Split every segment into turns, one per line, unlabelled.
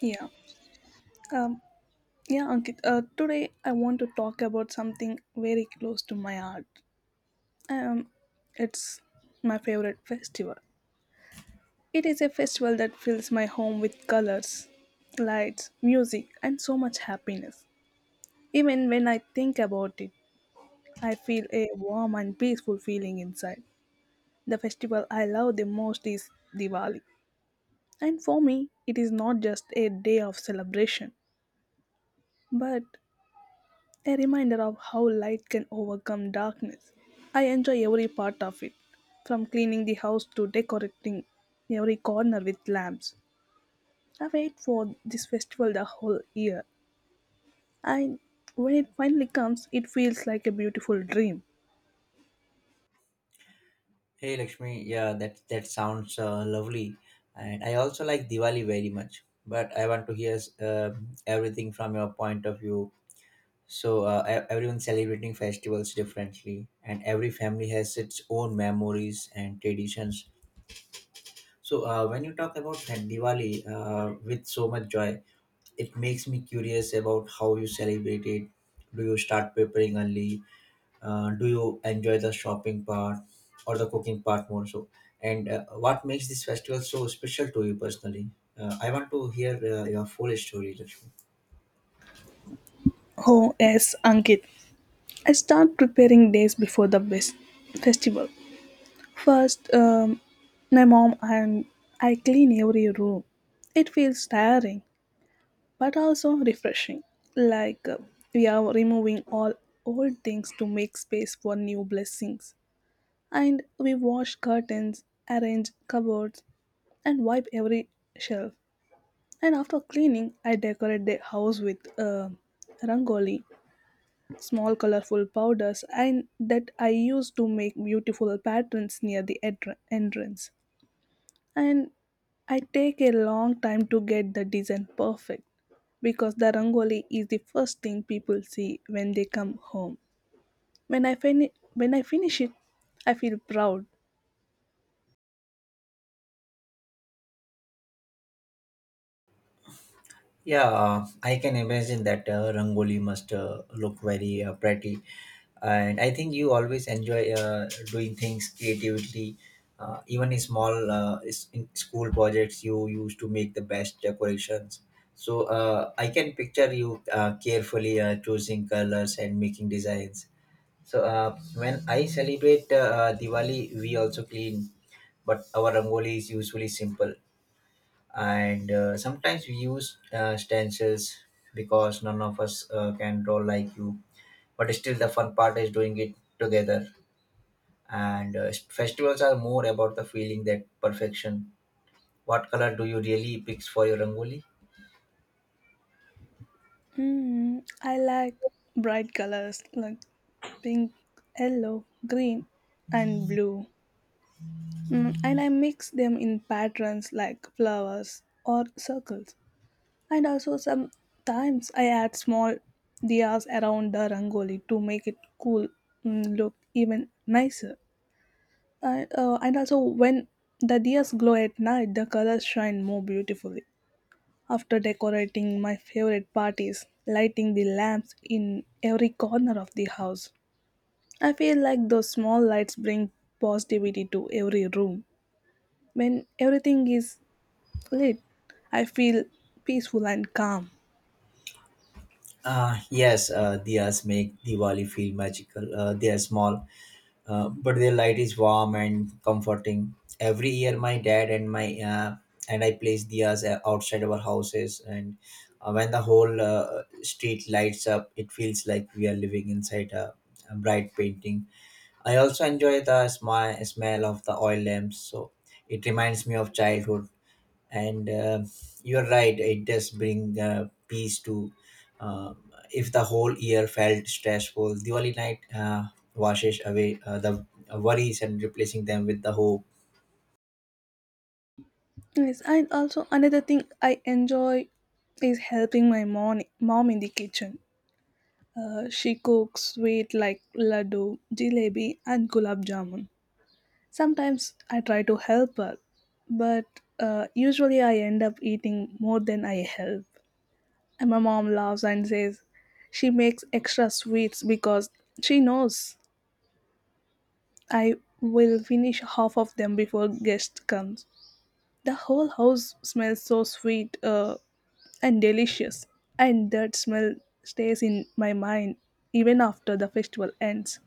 Yeah. Um, yeah, Ankit. Today I want to talk about something very close to my heart. Um, it's my favorite festival. It is a festival that fills my home with colors, lights, music, and so much happiness. Even when I think about it, I feel a warm and peaceful feeling inside. The festival I love the most is Diwali. And for me, it is not just a day of celebration, but a reminder of how light can overcome darkness. I enjoy every part of it, from cleaning the house to decorating every corner with lamps. I wait for this festival the whole year, and when it finally comes, it feels like a beautiful dream.
Hey Lakshmi, yeah, that sounds lovely, and I also like Diwali very much. But I want to hear uh, everything from your point of view. So everyone celebrating festivals differently, and every family has its own memories and traditions. So when you talk about that Diwali with so much joy, it makes me curious about how you celebrate it. Do you start preparing early? Do you enjoy the shopping part or the cooking part more? So and what makes this festival so special to you personally? I want to hear your full story, Lakshmi.
Oh, yes, Ankit. I start preparing days before the best festival. First, my mom and I clean every room. It feels tiring, but also refreshing. Like, we are removing all old things to make space for new blessings. And we wash curtains, arrange cupboards, and wipe every shelf. And after cleaning, I decorate the house with rangoli, small colorful powders, and that I use to make beautiful patterns near the entrance, and I take a long time to get the design perfect because the rangoli is the first thing people see when they come home. When I finish it, I feel proud.
Yeah, I can imagine that Rangoli must look very pretty. And I think you always enjoy doing things creatively. Even in school projects, you used to make the best decorations. So I can picture you carefully choosing colors and making designs. So when I celebrate Diwali, we also clean, but our Rangoli is usually simple, and sometimes we use stencils because none of us can draw like you. But still, the fun part is doing it together, and festivals are more about the feeling that perfection. What color do you really pick for your rangoli?
Mm, I like bright colors like pink, yellow, green, and blue. Mm, and I mix them in patterns like flowers or circles. And also sometimes I add small diyas around the rangoli to make it cool, look even nicer. And also when the diyas glow at night, the colors shine more beautifully. After decorating my favorite parties, lighting the lamps in every corner of the house, I feel like those small lights bring positivity to every room. When everything is lit, I feel peaceful and calm.
Yes, diyas make Diwali feel magical. They are small, but their light is warm and comforting. Every year, my dad and my and I place diyas outside our houses, and when the whole street lights up, it feels like we are living inside a bright painting. I also enjoy the smell of the oil lamps, so it reminds me of childhood. And you're right, it does bring peace to. If the whole year felt stressful, Diwali night washes away the worries and replacing them with the hope.
Yes, and also another thing I enjoy is helping my mom in the kitchen. She cooks sweet like laddu, jalebi, and gulab jamun. Sometimes I try to help her, but usually I end up eating more than I help. And my mom laughs and says she makes extra sweets because she knows I will finish half of them before guest comes. The whole house smells so sweet and delicious. And that smell stays in my mind even after the festival ends.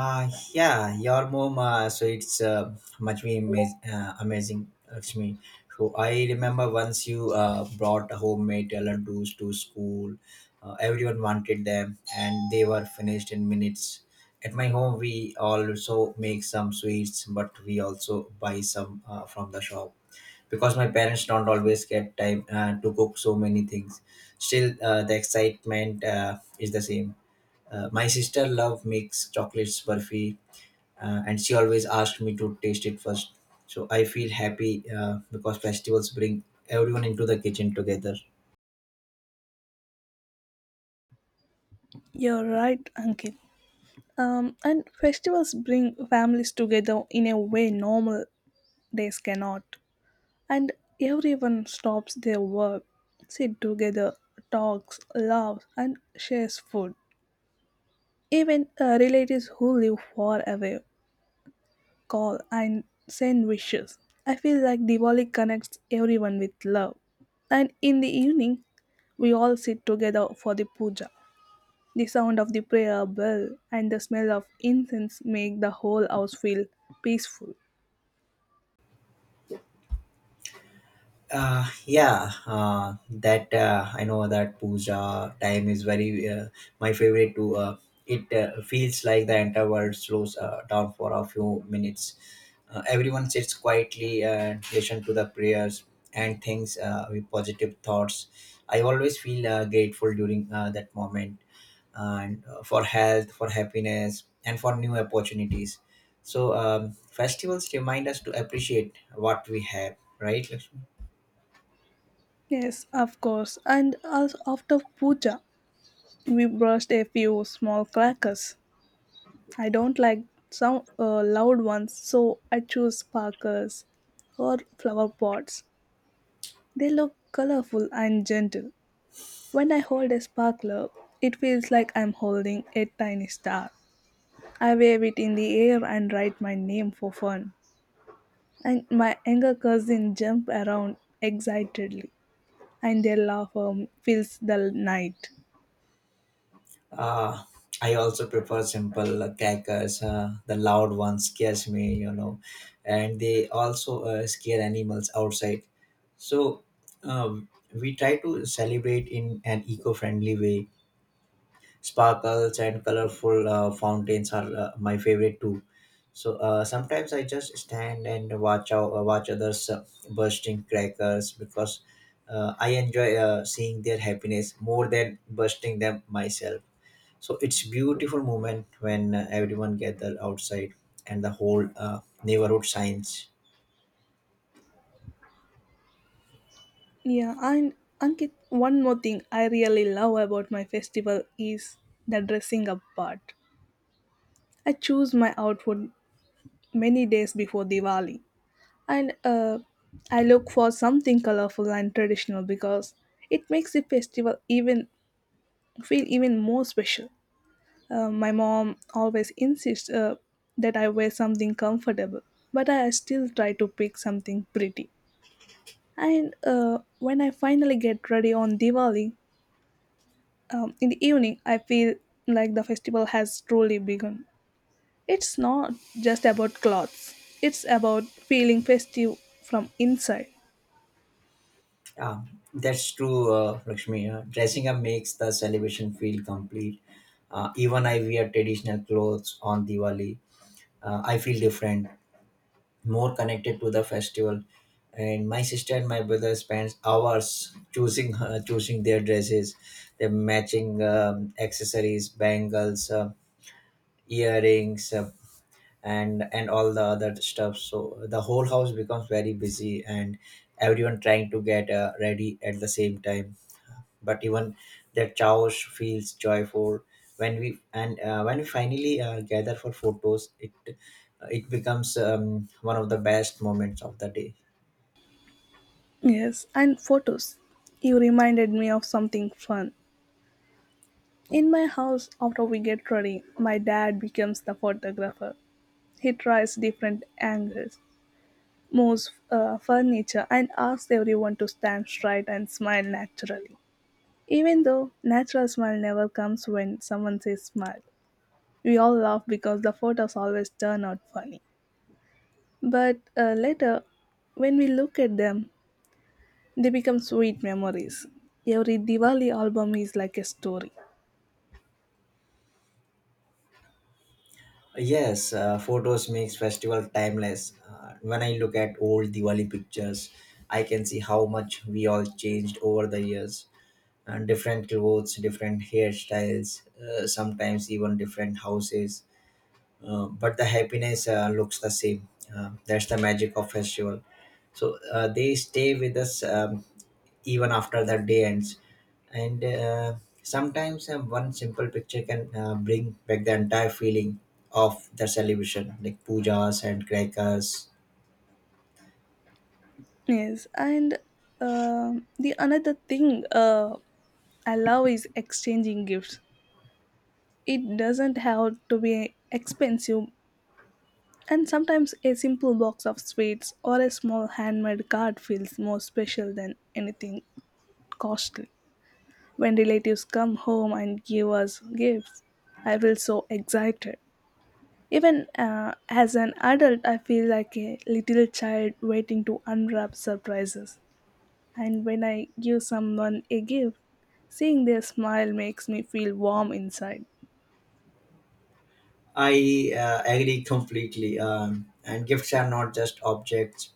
Uh, yeah, your mom. So it's much be ama- Amazing, Lakshmi. So I remember once you brought homemade laddus to school. Everyone wanted them, and they were finished in minutes. At my home, we also make some sweets, but we also buy some from the shop because my parents don't always get time to cook so many things. Still, the excitement is the same. My sister love makes chocolates, burfi, and she always asked me to taste it first. So I feel happy because festivals bring everyone into the kitchen together.
You're right, Ankit. And festivals bring families together in a way normal days cannot. And everyone stops their work, sit together, talks, laughs, and shares food. Even relatives who live far away call and send wishes. I feel like Diwali connects everyone with love. And in the evening, we all sit together for the puja. The sound of the prayer bell and the smell of incense make the whole house feel peaceful.
Yeah, that I know that puja time is very my favorite too. It feels like the entire world slows down for a few minutes. Everyone sits quietly and listen to the prayers and things with positive thoughts. I always feel grateful during that moment, and for health, for happiness, and for new opportunities. So festivals remind us to appreciate what we have, right, Lakshmi?
Yes, of course. And also after puja, we brushed a few small crackers. I don't like some loud ones, so I choose sparklers or flower pots. They look colorful and gentle. When I hold a sparkler, it feels like I'm holding a tiny star. I wave it in the air and write my name for fun. And my younger cousin jump around excitedly, and their laugh fills the night.
Uh, I also prefer simple crackers. The loud ones scares me, you know, and they also scare animals outside. So um, we try to celebrate in an eco-friendly way. Sparkles and colorful fountains are my favorite too. So sometimes I just stand and watch others bursting crackers because I enjoy seeing their happiness more than bursting them myself. So it's beautiful moment when everyone gather outside and the whole neighborhood signs.
Yeah, and Ankit, one more thing I really love about my festival is the dressing up part. I choose my outfit many days before Diwali, and I look for something colorful and traditional because it makes the festival even feel even more special. My mom always insists that I wear something comfortable, but I still try to pick something pretty. And when I finally get ready on Diwali in the evening, I feel like the festival has truly begun. It's not just about clothes; it's about feeling festive from inside.
Yeah, that's true, Lakshmi. Dressing up makes the celebration feel complete. Even I wear traditional clothes on Diwali. I feel different, more connected to the festival. And my sister and my brother spends hours choosing their dresses, their matching accessories, bangles, earrings, and all the other stuff. So the whole house becomes very busy, and everyone trying to get ready at the same time. But even that chaos feels joyful when we finally gather for photos. It becomes one of the best moments of the day.
Yes, and photos. You reminded me of something fun. In my house, after we get ready, my dad becomes the photographer. He tries different angles, moves furniture, and asks everyone to stand straight and smile naturally. Even though natural smile never comes when someone says smile, we all laugh because the photos always turn out funny. But later, when we look at them, they become sweet memories. Every Diwali album is like a story.
Yes, photos makes festival timeless. When I look at old Diwali pictures, I can see how much we all changed over the years, and different clothes, different hairstyles, sometimes even different houses. But the happiness looks the same. That's the magic of festival. So they stay with us even after the day ends, and sometimes one simple picture can bring back the entire feeling of the celebration, like pujas and crackers.
Yes, and the another thing I love is exchanging gifts. It doesn't have to be expensive, and sometimes a simple box of sweets or a small handmade card feels more special than anything costly. When relatives come home and give us gifts, I feel so excited. Even as an adult, I feel like a little child waiting to unwrap surprises. And when I give someone a gift, seeing their smile makes me feel warm inside.
I agree completely. And gifts are not just objects;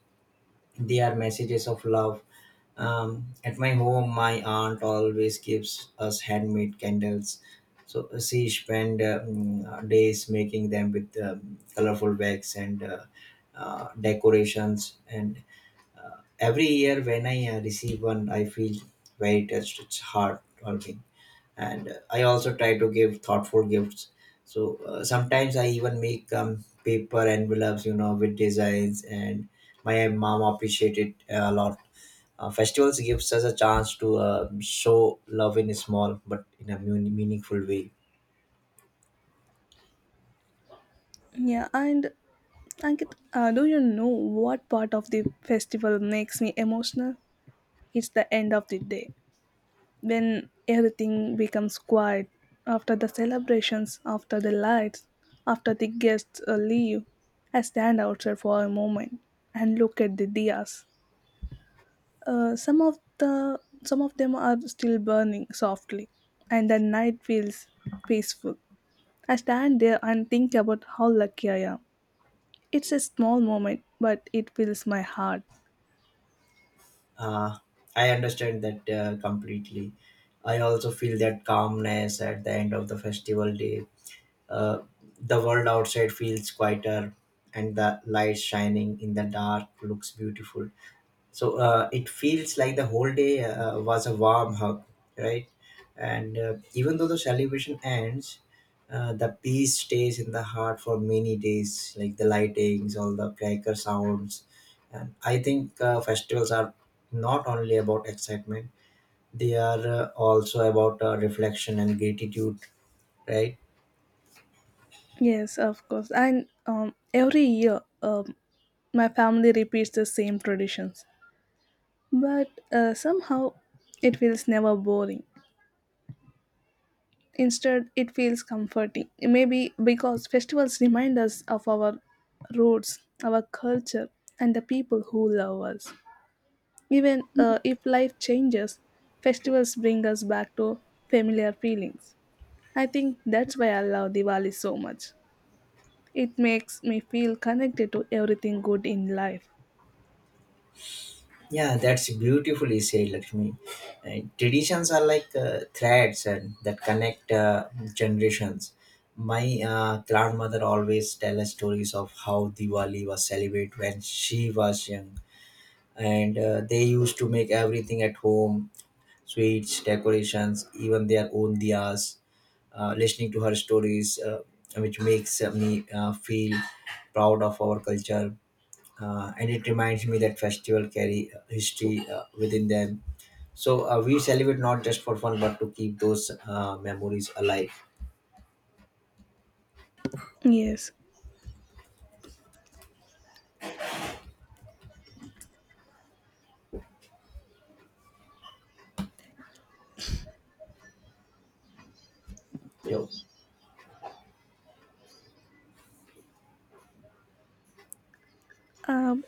they are messages of love. At my home, my aunt always gives us handmade candles. So she spent days making them with colorful wax and decorations. And every year, when I receive one, I feel very touched. It's heart-warming, and I also try to give thoughtful gifts. So sometimes I even make paper envelopes, you know, with designs, and my mom appreciated it a lot. Festivals gives us a chance to show love in a small but in a meaningful way.
Yeah, and Ankit, do you know what part of the festival makes me emotional? It's the end of the day, when everything becomes quiet, after the celebrations, after the lights, after the guests leave. I stand outside for a moment and look at the diyas. uh, some of the some of them are still burning softly, and the night feels peaceful. I stand there and think about how lucky I am. It's a small moment, but it fills my heart.
uh, I understand that completely. I also feel that calmness at the end of the festival day. uh, the world outside feels quieter, and the light shining in the dark looks beautiful. So it feels like the whole day was a warm hug, right? And even though the celebration ends, the peace stays in the heart for many days, like the lightings, all the cracker sounds. And I think festivals are not only about excitement, they are also about reflection and gratitude, right?
Yes, of course. And every year, my family repeats the same traditions, but somehow it feels never boring. Instead, it feels comforting. Maybe because festivals remind us of our roots, our culture, and the people who love us. Even if life changes, festivals bring us back to familiar feelings. I think that's why I love Diwali so much. It makes me feel connected to everything good in life.
Yeah, that's beautifully said, Lakshmi. Traditions are like threads and that connect generations. My grandmother always tell us stories of how Diwali was celebrated when she was young, and they used to make everything at home, sweets, decorations, even their own diyas. Listening to her stories, which makes me feel proud of our culture. And it reminds me that festival carry history within them. So we celebrate not just for fun, but to keep those memories alive.
Yes.
Yo.
Um,